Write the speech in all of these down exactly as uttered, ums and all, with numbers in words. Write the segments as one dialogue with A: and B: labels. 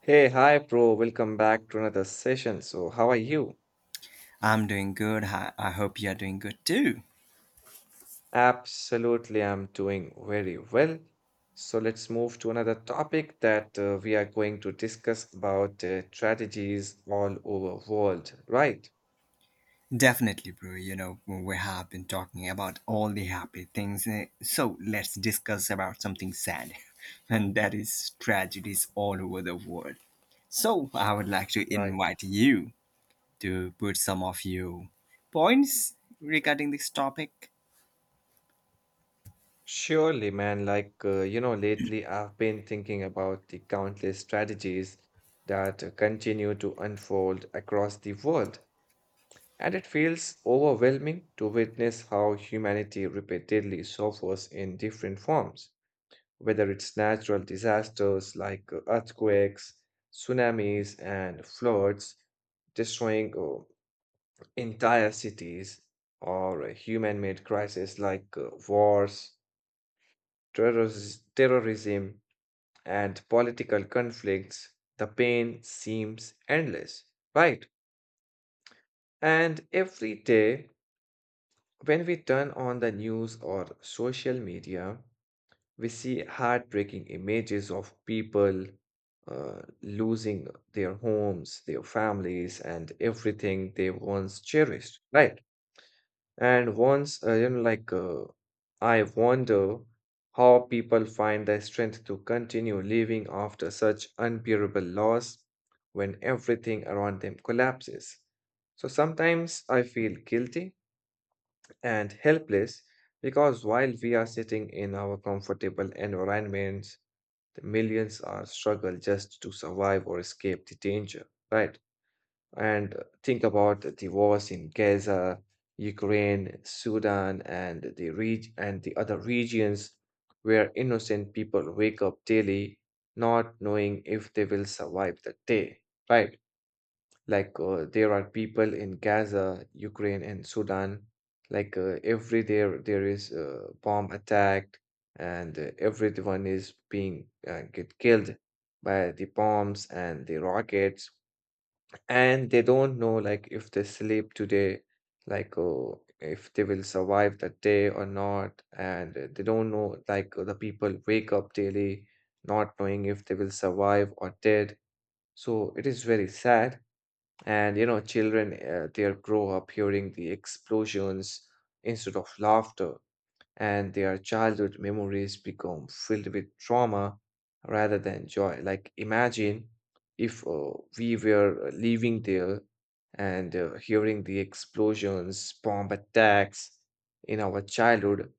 A: Hey, hi, bro. Welcome back to another session. So, how are you?
B: I'm doing good. I, I hope you're doing good too.
A: Absolutely, I'm doing very well. So, let's move to another topic that uh, we are going to discuss about uh, strategies all over world, right?
B: Definitely, bro. You know, we have been talking about all the happy things. eh, So let's discuss about something sad, and that is tragedies all over the world. So I would like to
A: Right.
B: invite you to put some of your points regarding this topic.
A: Surely, man, like uh, you know, lately I've been thinking about the countless strategies that uh, continue to unfold across the world. And it feels overwhelming to witness how humanity repeatedly suffers in different forms, whether it's natural disasters like uh, earthquakes, tsunamis, and floods, destroying uh, entire cities, or human made crises like uh, wars, terroris- terrorism, and political conflicts. The pain seems endless, right? And every day, when we turn on the news or social media, we see heartbreaking images of people uh, losing their homes, their families, and everything they once cherished, right? And once, uh, you know, like, uh, I wonder how people find the strength to continue living after such unbearable loss when everything around them collapses. So sometimes I feel guilty and helpless because while we are sitting in our comfortable environments, the millions are struggle just to survive or escape the danger, right? And uh, think about the wars in Gaza, Ukraine, Sudan, and the reg- and the other regions where innocent people wake up daily not knowing if they will survive the day, right? Like, uh, there are people in Gaza, Ukraine, and Sudan. Like, uh, every day there is a bomb attack, and uh, everyone is being uh, get killed by the bombs and the rockets. And they don't know, like, if they sleep today, like, uh, if they will survive that day or not. And uh, they don't know, like, uh, the people wake up daily not knowing if they will survive or dead. So it is very sad. And you know, children uh, there grow up hearing the explosions instead of laughter, and their childhood memories become filled with trauma rather than joy. Like, imagine if uh, we were uh, living there and uh, hearing the explosions, bomb attacks in our childhood,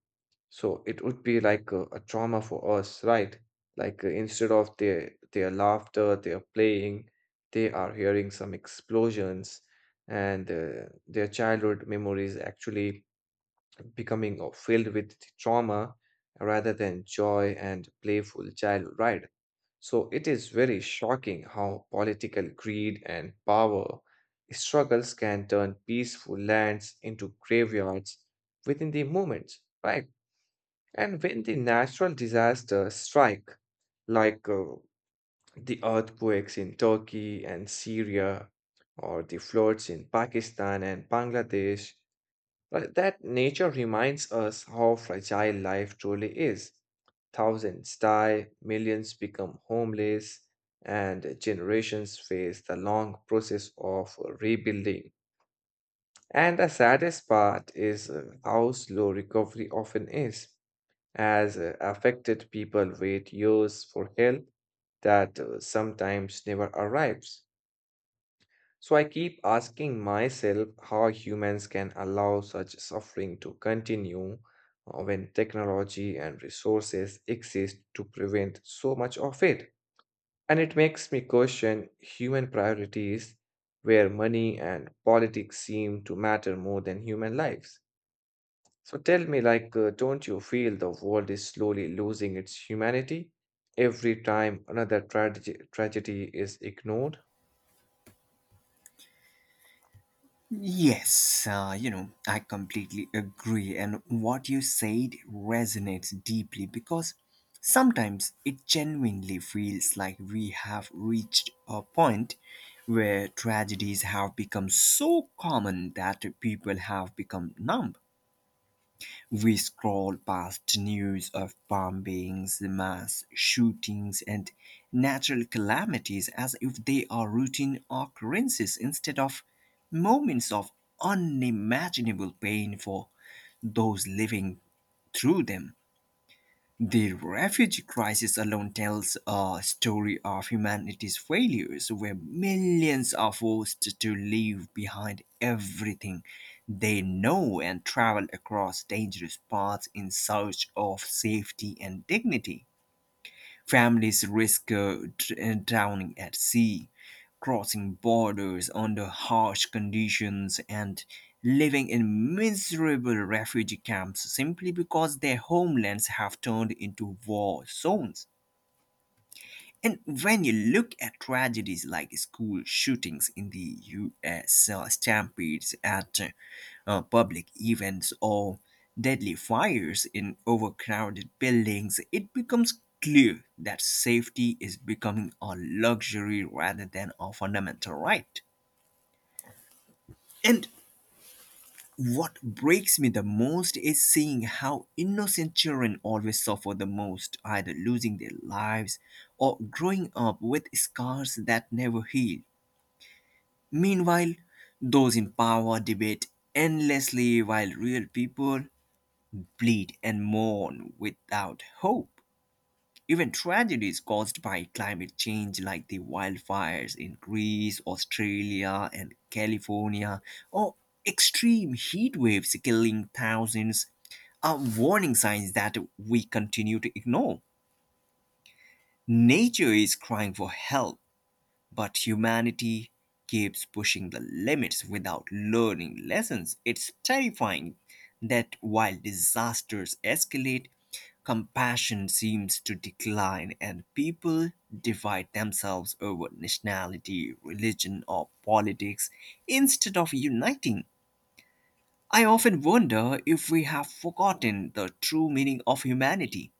A: so it would be like a, a trauma for us, right? Like uh, instead of their their laughter, their playing, they are hearing some explosions, and uh, their childhood memories actually becoming uh, filled with the trauma rather than joy and playful childhood, right? So it is very shocking how political greed and power struggles can turn peaceful lands into graveyards within the moments, right? And when the natural disasters strike, like uh, the earthquakes in Turkey and Syria, or the floods in Pakistan and Bangladesh, uh, that nature reminds us how fragile life truly is. Thousands die, millions become homeless, and generations face the long process of rebuilding. And the saddest part is uh, how slow recovery often is as uh, affected people wait years for help that uh, sometimes never arrives. So I keep asking myself how humans can allow such suffering to continue uh, when technology and resources exist to prevent so much of it. And it makes me question human priorities where money and politics seem to matter more than human lives. So tell me, like, uh, don't you feel the world is slowly losing its humanity every time another tragedy tragedy is ignored?
B: Yes, uh, you know, I completely agree. And what you said resonates deeply because sometimes it genuinely feels like we have reached a point where tragedies have become so common that people have become numb. We scroll past news of bombings, mass shootings, and natural calamities as if they are routine occurrences instead of moments of unimaginable pain for those living through them. The refugee crisis alone tells a story of humanity's failures, where millions are forced to leave behind everything they know and travel across dangerous paths in search of safety and dignity. Families risk uh, dr- drowning at sea, crossing borders under harsh conditions, and living in miserable refugee camps simply because their homelands have turned into war zones. And when you look at tragedies like school shootings in the U S, uh, stampedes at uh, uh, public events, or deadly fires in overcrowded buildings, it becomes clear that safety is becoming a luxury rather than a fundamental right. And what breaks me the most is seeing how innocent children always suffer the most, either losing their lives or growing up with scars that never heal. Meanwhile, those in power debate endlessly while real people bleed and mourn without hope. Even tragedies caused by climate change, like the wildfires in Greece, Australia, and California, or extreme heat waves killing thousands, are warning signs that we continue to ignore. Nature is crying for help, but humanity keeps pushing the limits without learning lessons. It's terrifying that while disasters escalate, compassion seems to decline and people divide themselves over nationality, religion, or politics instead of uniting. I often wonder if we have forgotten the true meaning of humanity.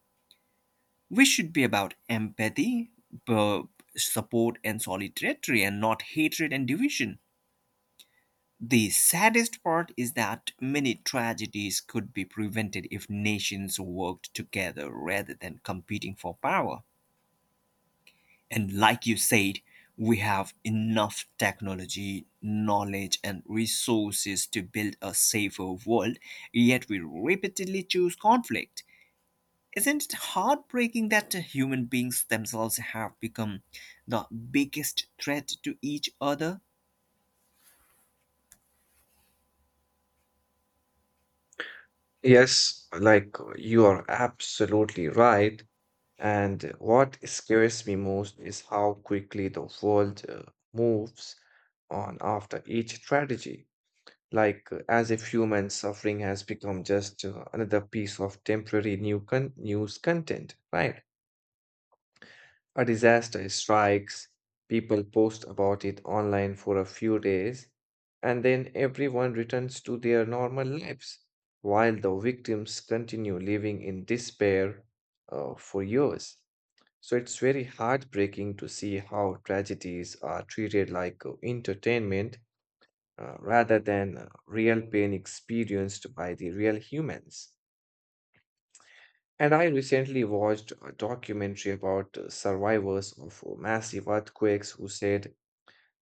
B: We should be about empathy, bu- support, and solidarity, and not hatred and division. The saddest part is that many tragedies could be prevented if nations worked together rather than competing for power. And like you said, we have enough technology, knowledge, and resources to build a safer world, yet we repeatedly choose conflict. Isn't it heartbreaking that human beings themselves have become the biggest threat to each other?
A: Yes, like you are absolutely right. And what scares me most is how quickly the world uh, moves on after each tragedy, like uh, as if human suffering has become just uh, another piece of temporary new con- news content, right? A disaster strikes, people post about it online for a few days, and then everyone returns to their normal lives, while the victims continue living in despair uh, for years. So it's very heartbreaking to see how tragedies are treated like uh, entertainment uh, rather than uh, real pain experienced by the real humans. And I recently watched a documentary about uh, survivors of uh, massive earthquakes who said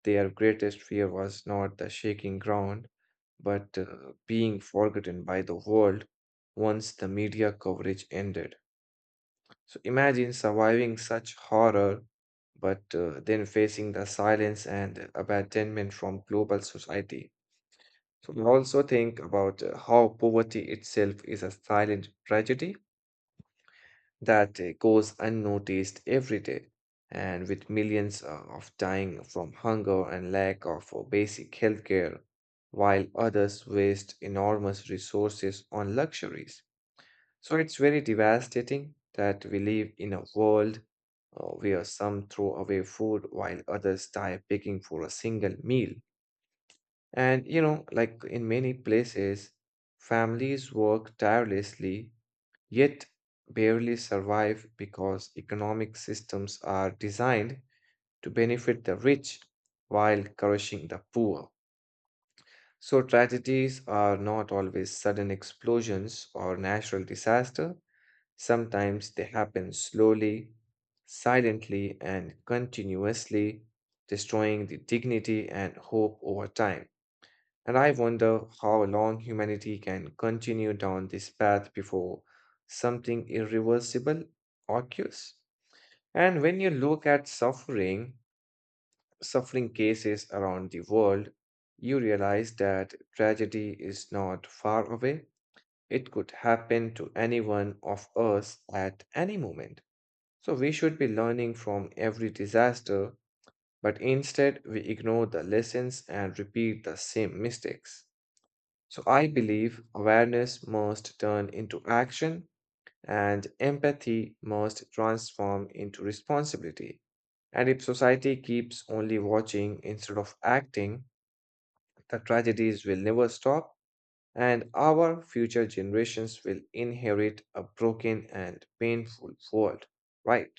A: their greatest fear was not the shaking ground, but uh, being forgotten by the world once the media coverage ended. So imagine surviving such horror, but uh, then facing the silence and abandonment from global society. So we also think about uh, how poverty itself is a silent tragedy that uh, goes unnoticed every day, and with millions uh, of dying from hunger and lack of uh, basic healthcare, while others waste enormous resources on luxuries. So it's very devastating that we live in a world uh, where some throw away food while others die begging for a single meal. And you know, like in many places, families work tirelessly yet barely survive because economic systems are designed to benefit the rich while crushing the poor. So tragedies are not always sudden explosions or natural disaster. Sometimes they happen slowly, silently, and continuously, destroying the dignity and hope over time. And I wonder how long humanity can continue down this path before something irreversible occurs. And when you look at suffering, suffering cases around the world, you realize that tragedy is not far away. It could happen to anyone of us at any moment. So we should be learning from every disaster, but instead we ignore the lessons and repeat the same mistakes. So I believe awareness must turn into action and empathy must transform into responsibility. And if society keeps only watching instead of acting, the tragedies will never stop and our future generations will inherit a broken and painful world. Right.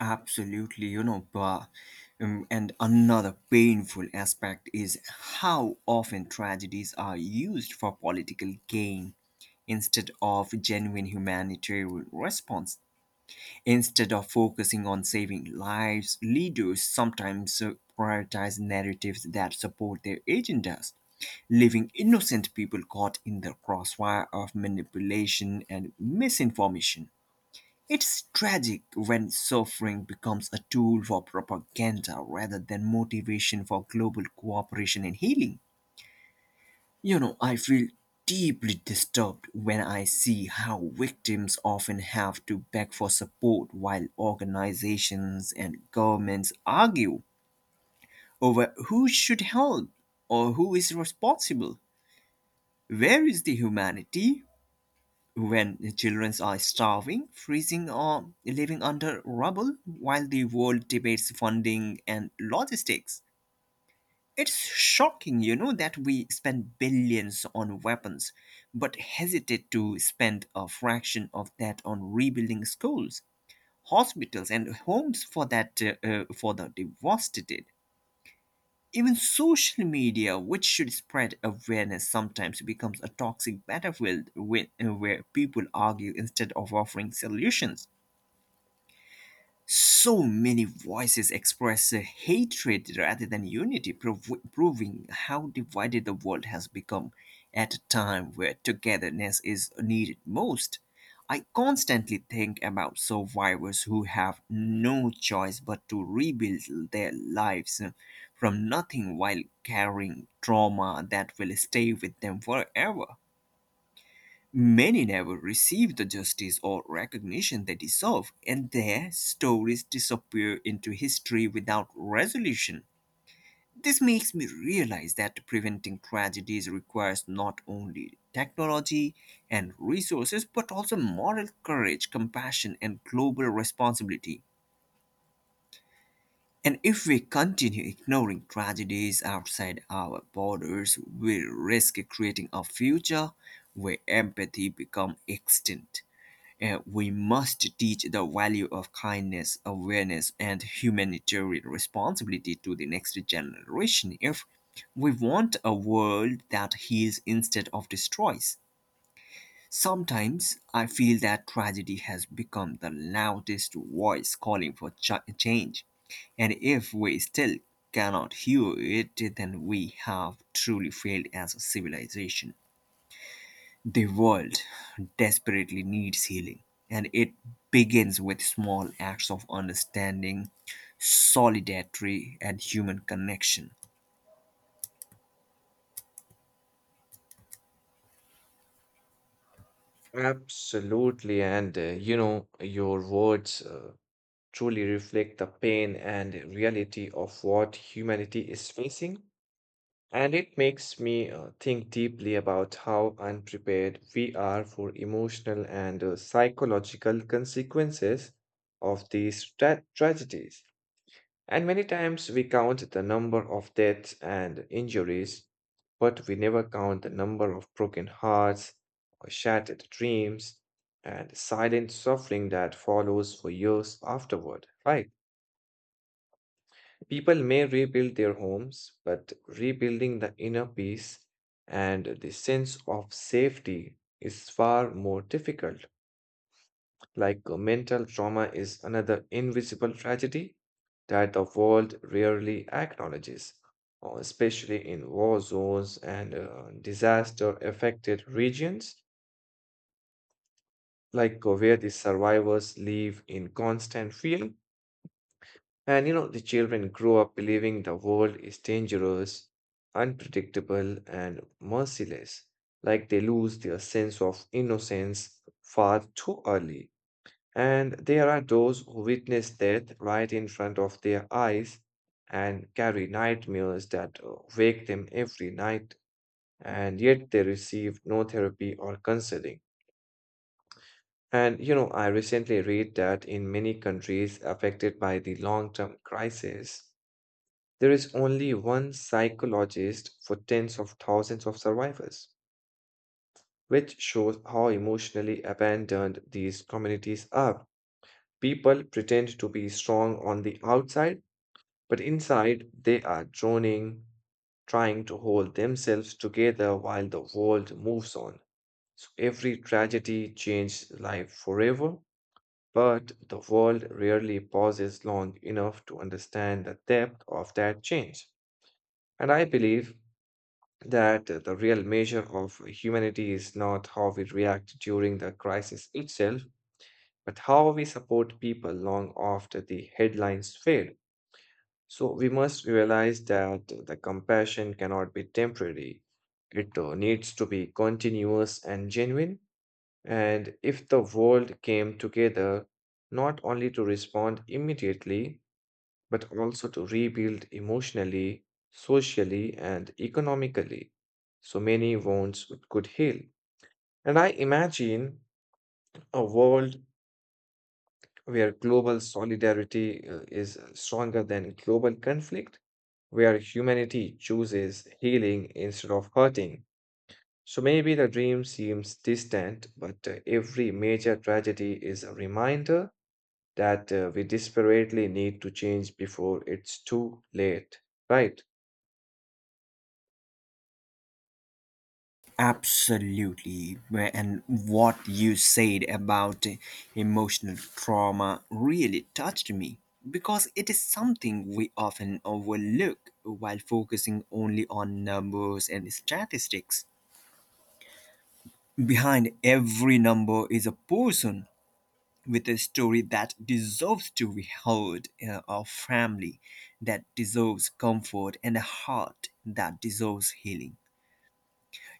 B: Absolutely, you know, bah. Um, and another painful aspect is how often tragedies are used for political gain instead of genuine humanitarian response. Instead of focusing on saving lives, leaders sometimes uh, prioritize narratives that support their agendas, leaving innocent people caught in the crossfire of manipulation and misinformation. It's tragic when suffering becomes a tool for propaganda rather than motivation for global cooperation and healing. You know, I feel deeply disturbed when I see how victims often have to beg for support while organizations and governments argue over who should help or who is responsible. Where is the humanity when the children are starving, freezing, or living under rubble while the world debates funding and logistics? It's shocking, you know, that we spend billions on weapons, but hesitate to spend a fraction of that on rebuilding schools, hospitals, and homes for that uh, uh, for the devastated. Even social media, which should spread awareness, sometimes becomes a toxic battlefield when, uh, where people argue instead of offering solutions. So many voices express a hatred rather than unity, prov- proving how divided the world has become at a time where togetherness is needed most. I constantly think about survivors who have no choice but to rebuild their lives uh, from nothing while carrying trauma that will stay with them forever. Many never receive the justice or recognition they deserve, and their stories disappear into history without resolution. This makes me realize that preventing tragedies requires not only technology and resources, but also moral courage, compassion, and global responsibility. And if we continue ignoring tragedies outside our borders, we risk creating a future where empathy becomes extinct. Uh, we must teach the value of kindness, awareness, and humanitarian responsibility to the next generation if we want a world that heals instead of destroys. Sometimes I feel that tragedy has become the loudest voice calling for ch- change, and if we still cannot hear it, then we have truly failed as a civilization. The world desperately needs healing, and it begins with small acts of understanding, solidarity, and human connection.
A: Absolutely. And uh, you know, your words uh, truly reflect the pain and reality of what humanity is facing. And it makes me uh, think deeply about how unprepared we are for emotional and uh, psychological consequences of these tra- tragedies. And many times we count the number of deaths and injuries, but we never count the number of broken hearts or shattered dreams and silent suffering that follows for years afterward, right? People may rebuild their homes, but rebuilding the inner peace and the sense of safety is far more difficult. Like uh, mental trauma is another invisible tragedy that the world rarely acknowledges, uh, especially in war zones and uh, disaster affected regions, like uh, where the survivors live in constant fear. And you know, the children grow up believing the world is dangerous, unpredictable, and merciless. Like they lose their sense of innocence far too early. And there are those who witness death right in front of their eyes and carry nightmares that uh, wake them every night, and yet they receive no therapy or counseling. And you know, I recently read that in many countries affected by the long-term crisis, there is only one psychologist for tens of thousands of survivors, which shows how emotionally abandoned these communities are. People pretend to be strong on the outside, but inside they are droning, trying to hold themselves together while the world moves on. So every tragedy changed life forever, but the world rarely pauses long enough to understand the depth of that change. And I believe that the real measure of humanity is not how we react during the crisis itself, but how we support people long after the headlines fade. So we must realize that the compassion cannot be temporary. It uh, needs to be continuous and genuine. And if the world came together not only to respond immediately, but also to rebuild emotionally, socially, and economically, so many wounds could heal. And I imagine a world where global solidarity uh, is stronger than global conflict, where humanity chooses healing instead of hurting. So maybe the dream seems distant, but uh, every major tragedy is a reminder that uh, we desperately need to change before it's too late, right?
B: Absolutely. And what you said about emotional trauma really touched me because it is something we often overlook while focusing only on numbers and statistics. Behind every number is a person with a story that deserves to be heard, uh, a family that deserves comfort, and a heart that deserves healing.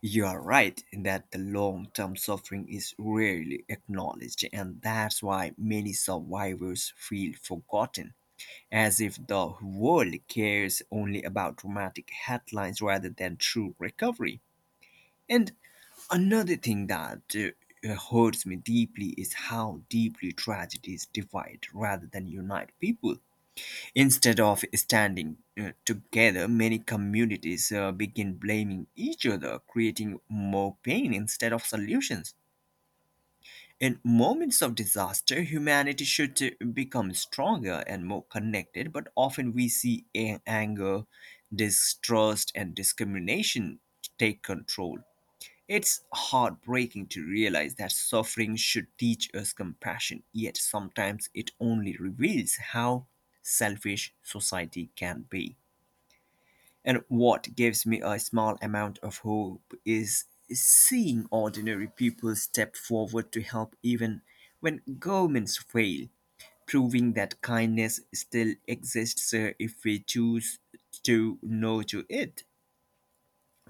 B: You are right that the long term suffering is rarely acknowledged, and that's why many survivors feel forgotten, as if the world cares only about dramatic headlines rather than true recovery. And another thing that uh, hurts me deeply is how deeply tragedies divide rather than unite people. Instead of standing uh, together, many communities uh, begin blaming each other, creating more pain instead of solutions. In moments of disaster, humanity should uh, become stronger and more connected, but often we see a- anger, distrust, and discrimination take control. It's heartbreaking to realize that suffering should teach us compassion, yet sometimes it only reveals how selfish society can be. And what gives me a small amount of hope is seeing ordinary people step forward to help even when governments fail, proving that kindness still exists uh, if we choose to know to it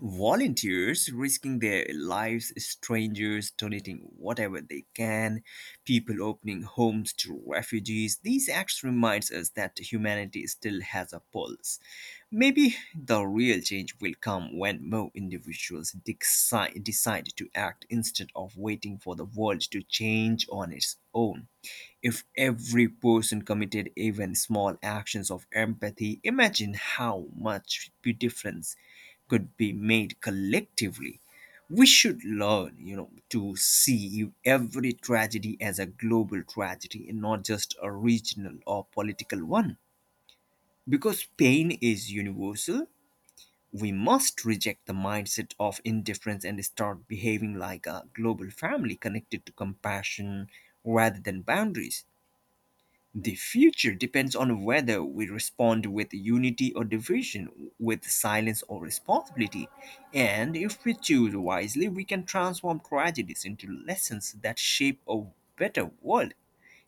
B: volunteers risking their lives, strangers donating whatever they can, people opening homes to refugees. These acts reminds us that humanity still has a pulse. Maybe the real change will come when more individuals decide, decide to act instead of waiting for the world to change on its own. If every person committed even small actions of empathy, imagine how much p- difference could be made collectively. We should learn, you know, to see every tragedy as a global tragedy and not just a regional or political one. Because pain is universal, we must reject the mindset of indifference and start behaving like a global family connected to compassion rather than boundaries. The future depends on whether we respond with unity or division, with silence or responsibility. And if we choose wisely, we can transform tragedies into lessons that shape a better world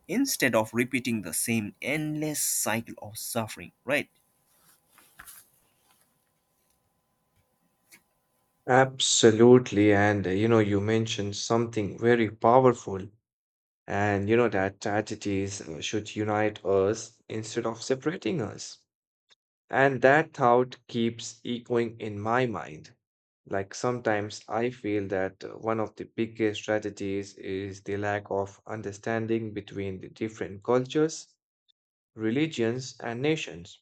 B: instead of repeating the same endless cycle of suffering, right?
A: Absolutely. And uh, you know, you mentioned something very powerful, and you know, that tragedies uh, should unite us instead of separating us. And that thought keeps echoing in my mind. Like sometimes I feel that uh, one of the biggest tragedies is the lack of understanding between the different cultures, religions, and nations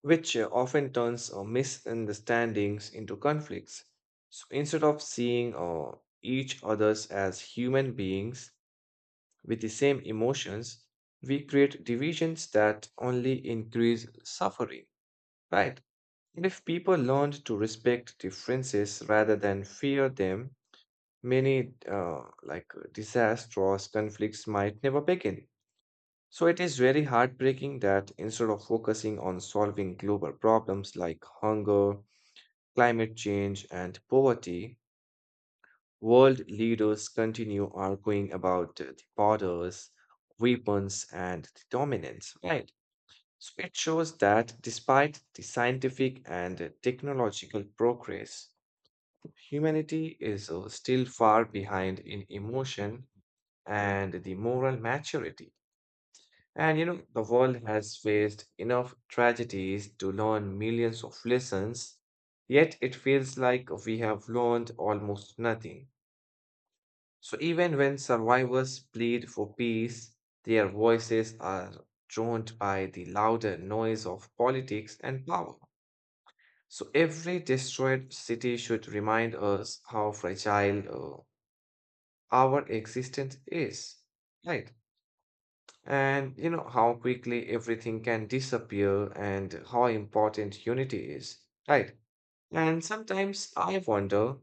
A: which uh, often turns uh, misunderstandings into conflicts. So instead of seeing uh, each others as human beings with the same emotions, we create divisions that only increase suffering, right? And if people learned to respect differences rather than fear them, many uh, like uh, disastrous conflicts might never begin. So it is very heartbreaking that instead of focusing on solving global problems like hunger, climate change, and poverty, world leaders continue arguing about the borders, weapons, and the dominance, right? So it shows that despite the scientific and technological progress, humanity is uh, still far behind in emotion and the moral maturity. And you know, the world has faced enough tragedies to learn millions of lessons, yet it feels like we have learned almost nothing. So even when survivors plead for peace, their voices are drowned by the louder noise of politics and power. So every destroyed city should remind us how fragile uh, our existence is, right? And you know how quickly everything can disappear and how important unity is, right? And sometimes I wonder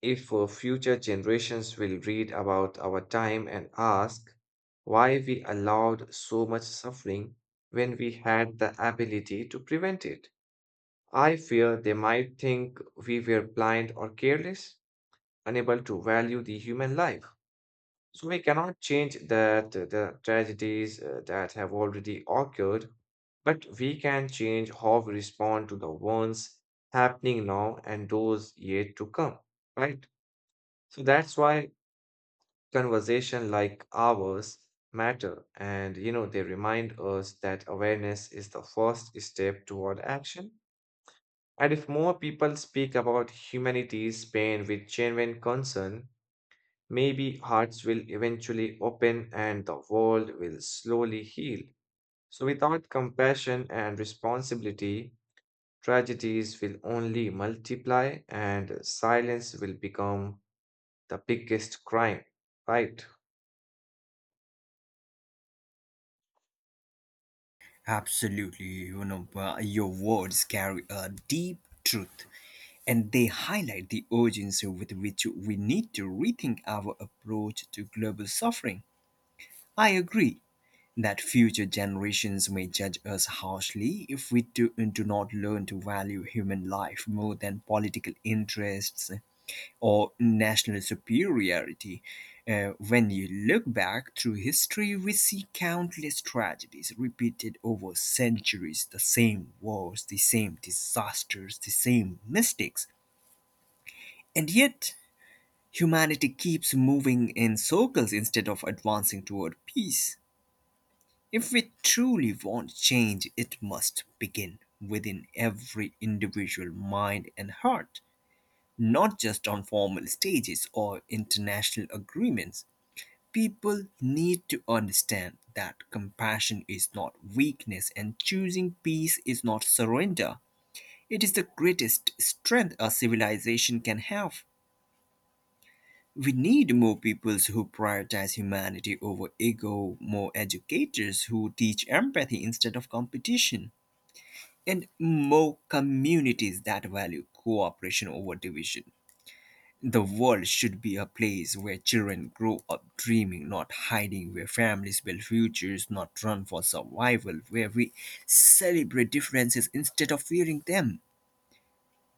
A: if uh, future generations will read about our time and ask why we allowed so much suffering when we had the ability to prevent it. I fear they might think we were blind or careless, unable to value the human life. So we cannot change that the tragedies uh, that have already occurred, but we can change how we respond to the ones happening now and those yet to come, right? So that's why conversation like ours matter, and you know they remind us that awareness is the first step toward action, and if more people speak about humanity's pain with genuine concern, maybe hearts will eventually open and the world will slowly heal. So, without compassion and responsibility, tragedies will only multiply and silence will become the biggest crime, right?
B: Absolutely, you know, uh, your words carry a deep truth and they highlight the urgency with which we need to rethink our approach to global suffering. I agree that future generations may judge us harshly if we do, do not learn to value human life more than political interests or national superiority. Uh, when you look back through history, we see countless tragedies repeated over centuries the same wars, the same disasters, the same mistakes. And yet, humanity keeps moving in circles instead of advancing toward peace. If we truly want change, it must begin within every individual mind and heart, not just on formal stages or international agreements. People need to understand that compassion is not weakness and choosing peace is not surrender. It is the greatest strength a civilization can have. We need more peoples who prioritize humanity over ego, more educators who teach empathy instead of competition, and more communities that value cooperation over division. The world should be a place where children grow up dreaming, not hiding, where families build futures, not run for survival, where we celebrate differences instead of fearing them.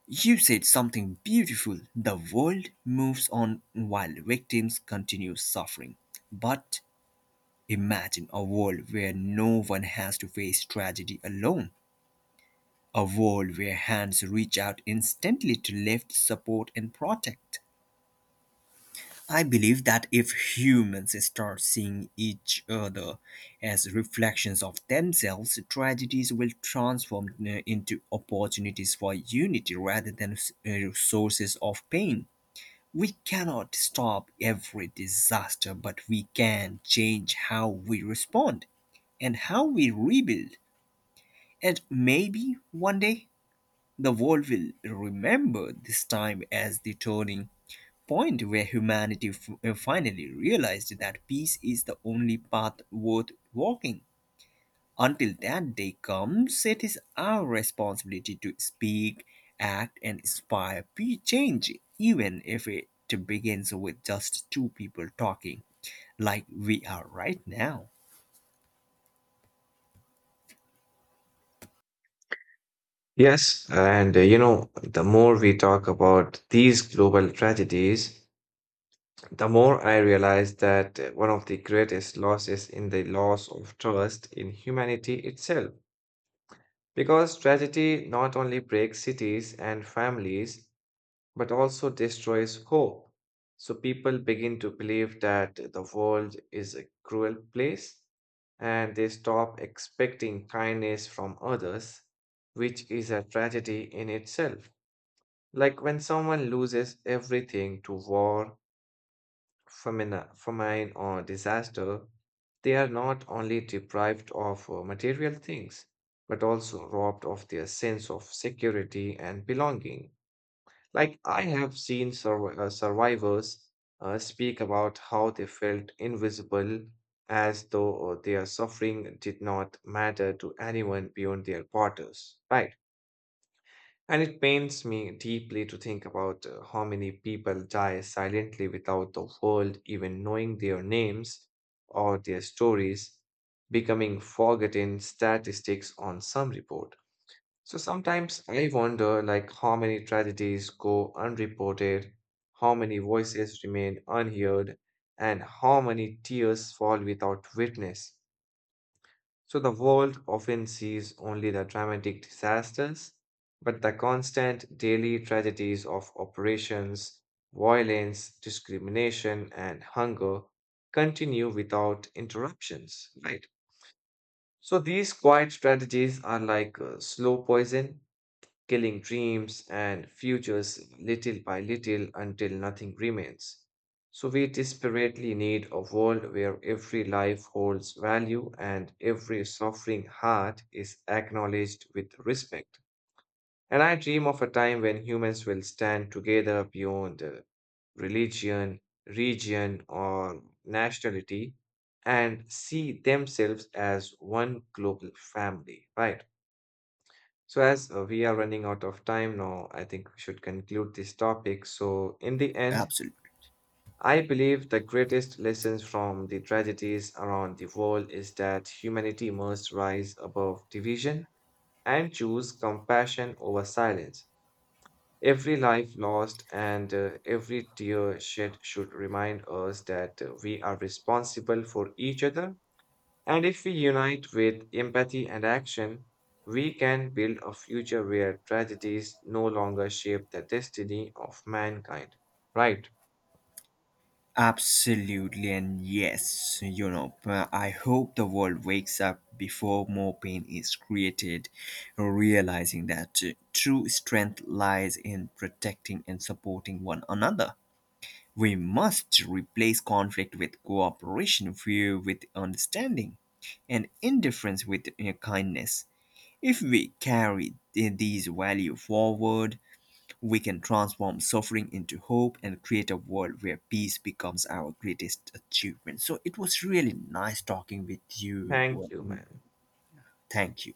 B: You said something beautiful. The world moves on while victims continue suffering. But imagine a world where no one has to face tragedy alone, a world where hands reach out instantly to lift, support, and protect. I believe that if humans start seeing each other as reflections of themselves, tragedies will transform uh, into opportunities for unity rather than uh, sources of pain. We cannot stop every disaster, but we can change how we respond and how we rebuild. And maybe one day the world will remember this time as the turning point where humanity f- uh, finally realized that peace is the only path worth walking. Until that day comes, it is our responsibility to speak, act, and inspire pe- change, even if it begins with just two people talking like we are right now.
A: Yes, and uh, you know, the more we talk about these global tragedies, the more I realize that uh, one of the greatest losses in the loss of trust in humanity itself. Because tragedy not only breaks cities and families, but also destroys hope. So people begin to believe that the world is a cruel place and they stop expecting kindness from others, which is a tragedy in itself. Like when someone loses everything to war famine, famine or disaster, they are not only deprived of uh, material things, but also robbed of their sense of security and belonging. Like, I have seen sur- uh, survivors uh, speak about how they felt invisible as though uh, their suffering did not matter to anyone beyond their borders, right? And it pains me deeply to think about uh, how many people die silently without the world even knowing their names or their stories, becoming forgotten statistics on some report. So sometimes I wonder like how many tragedies go unreported, how many voices remain unheard, and how many tears fall without witness. So the world often sees only the dramatic disasters, but the constant daily tragedies of operations, violence, discrimination, and hunger continue without interruptions, right? So these quiet strategies are like uh, slow poison killing dreams and futures little by little until nothing remains. So we desperately need a world where every life holds value and every suffering heart is acknowledged with respect. And I dream of a time when humans will stand together beyond uh, religion, region, or nationality and see themselves as one global family, right? So, as uh, we are running out of time now, I think we should conclude this topic. So, in the end,
B: Absolutely.
A: I believe the greatest lessons from the tragedies around the world is that humanity must rise above division and choose compassion over silence. Every life lost and uh, every tear shed should remind us that uh, we are responsible for each other, and if we unite with empathy and action, we can build a future where tragedies no longer shape the destiny of mankind. Right.
B: Absolutely, and yes, you know, uh, I hope the world wakes up before more pain is created, realizing that uh, true strength lies in protecting and supporting one another. We must replace conflict with cooperation, fear with understanding, and indifference with uh, kindness. If we carry th- these values forward, we can transform suffering into hope and create a world where peace becomes our greatest achievement. So it was really nice talking with you.
A: Thank
B: Well,
A: you, man.
B: thank you.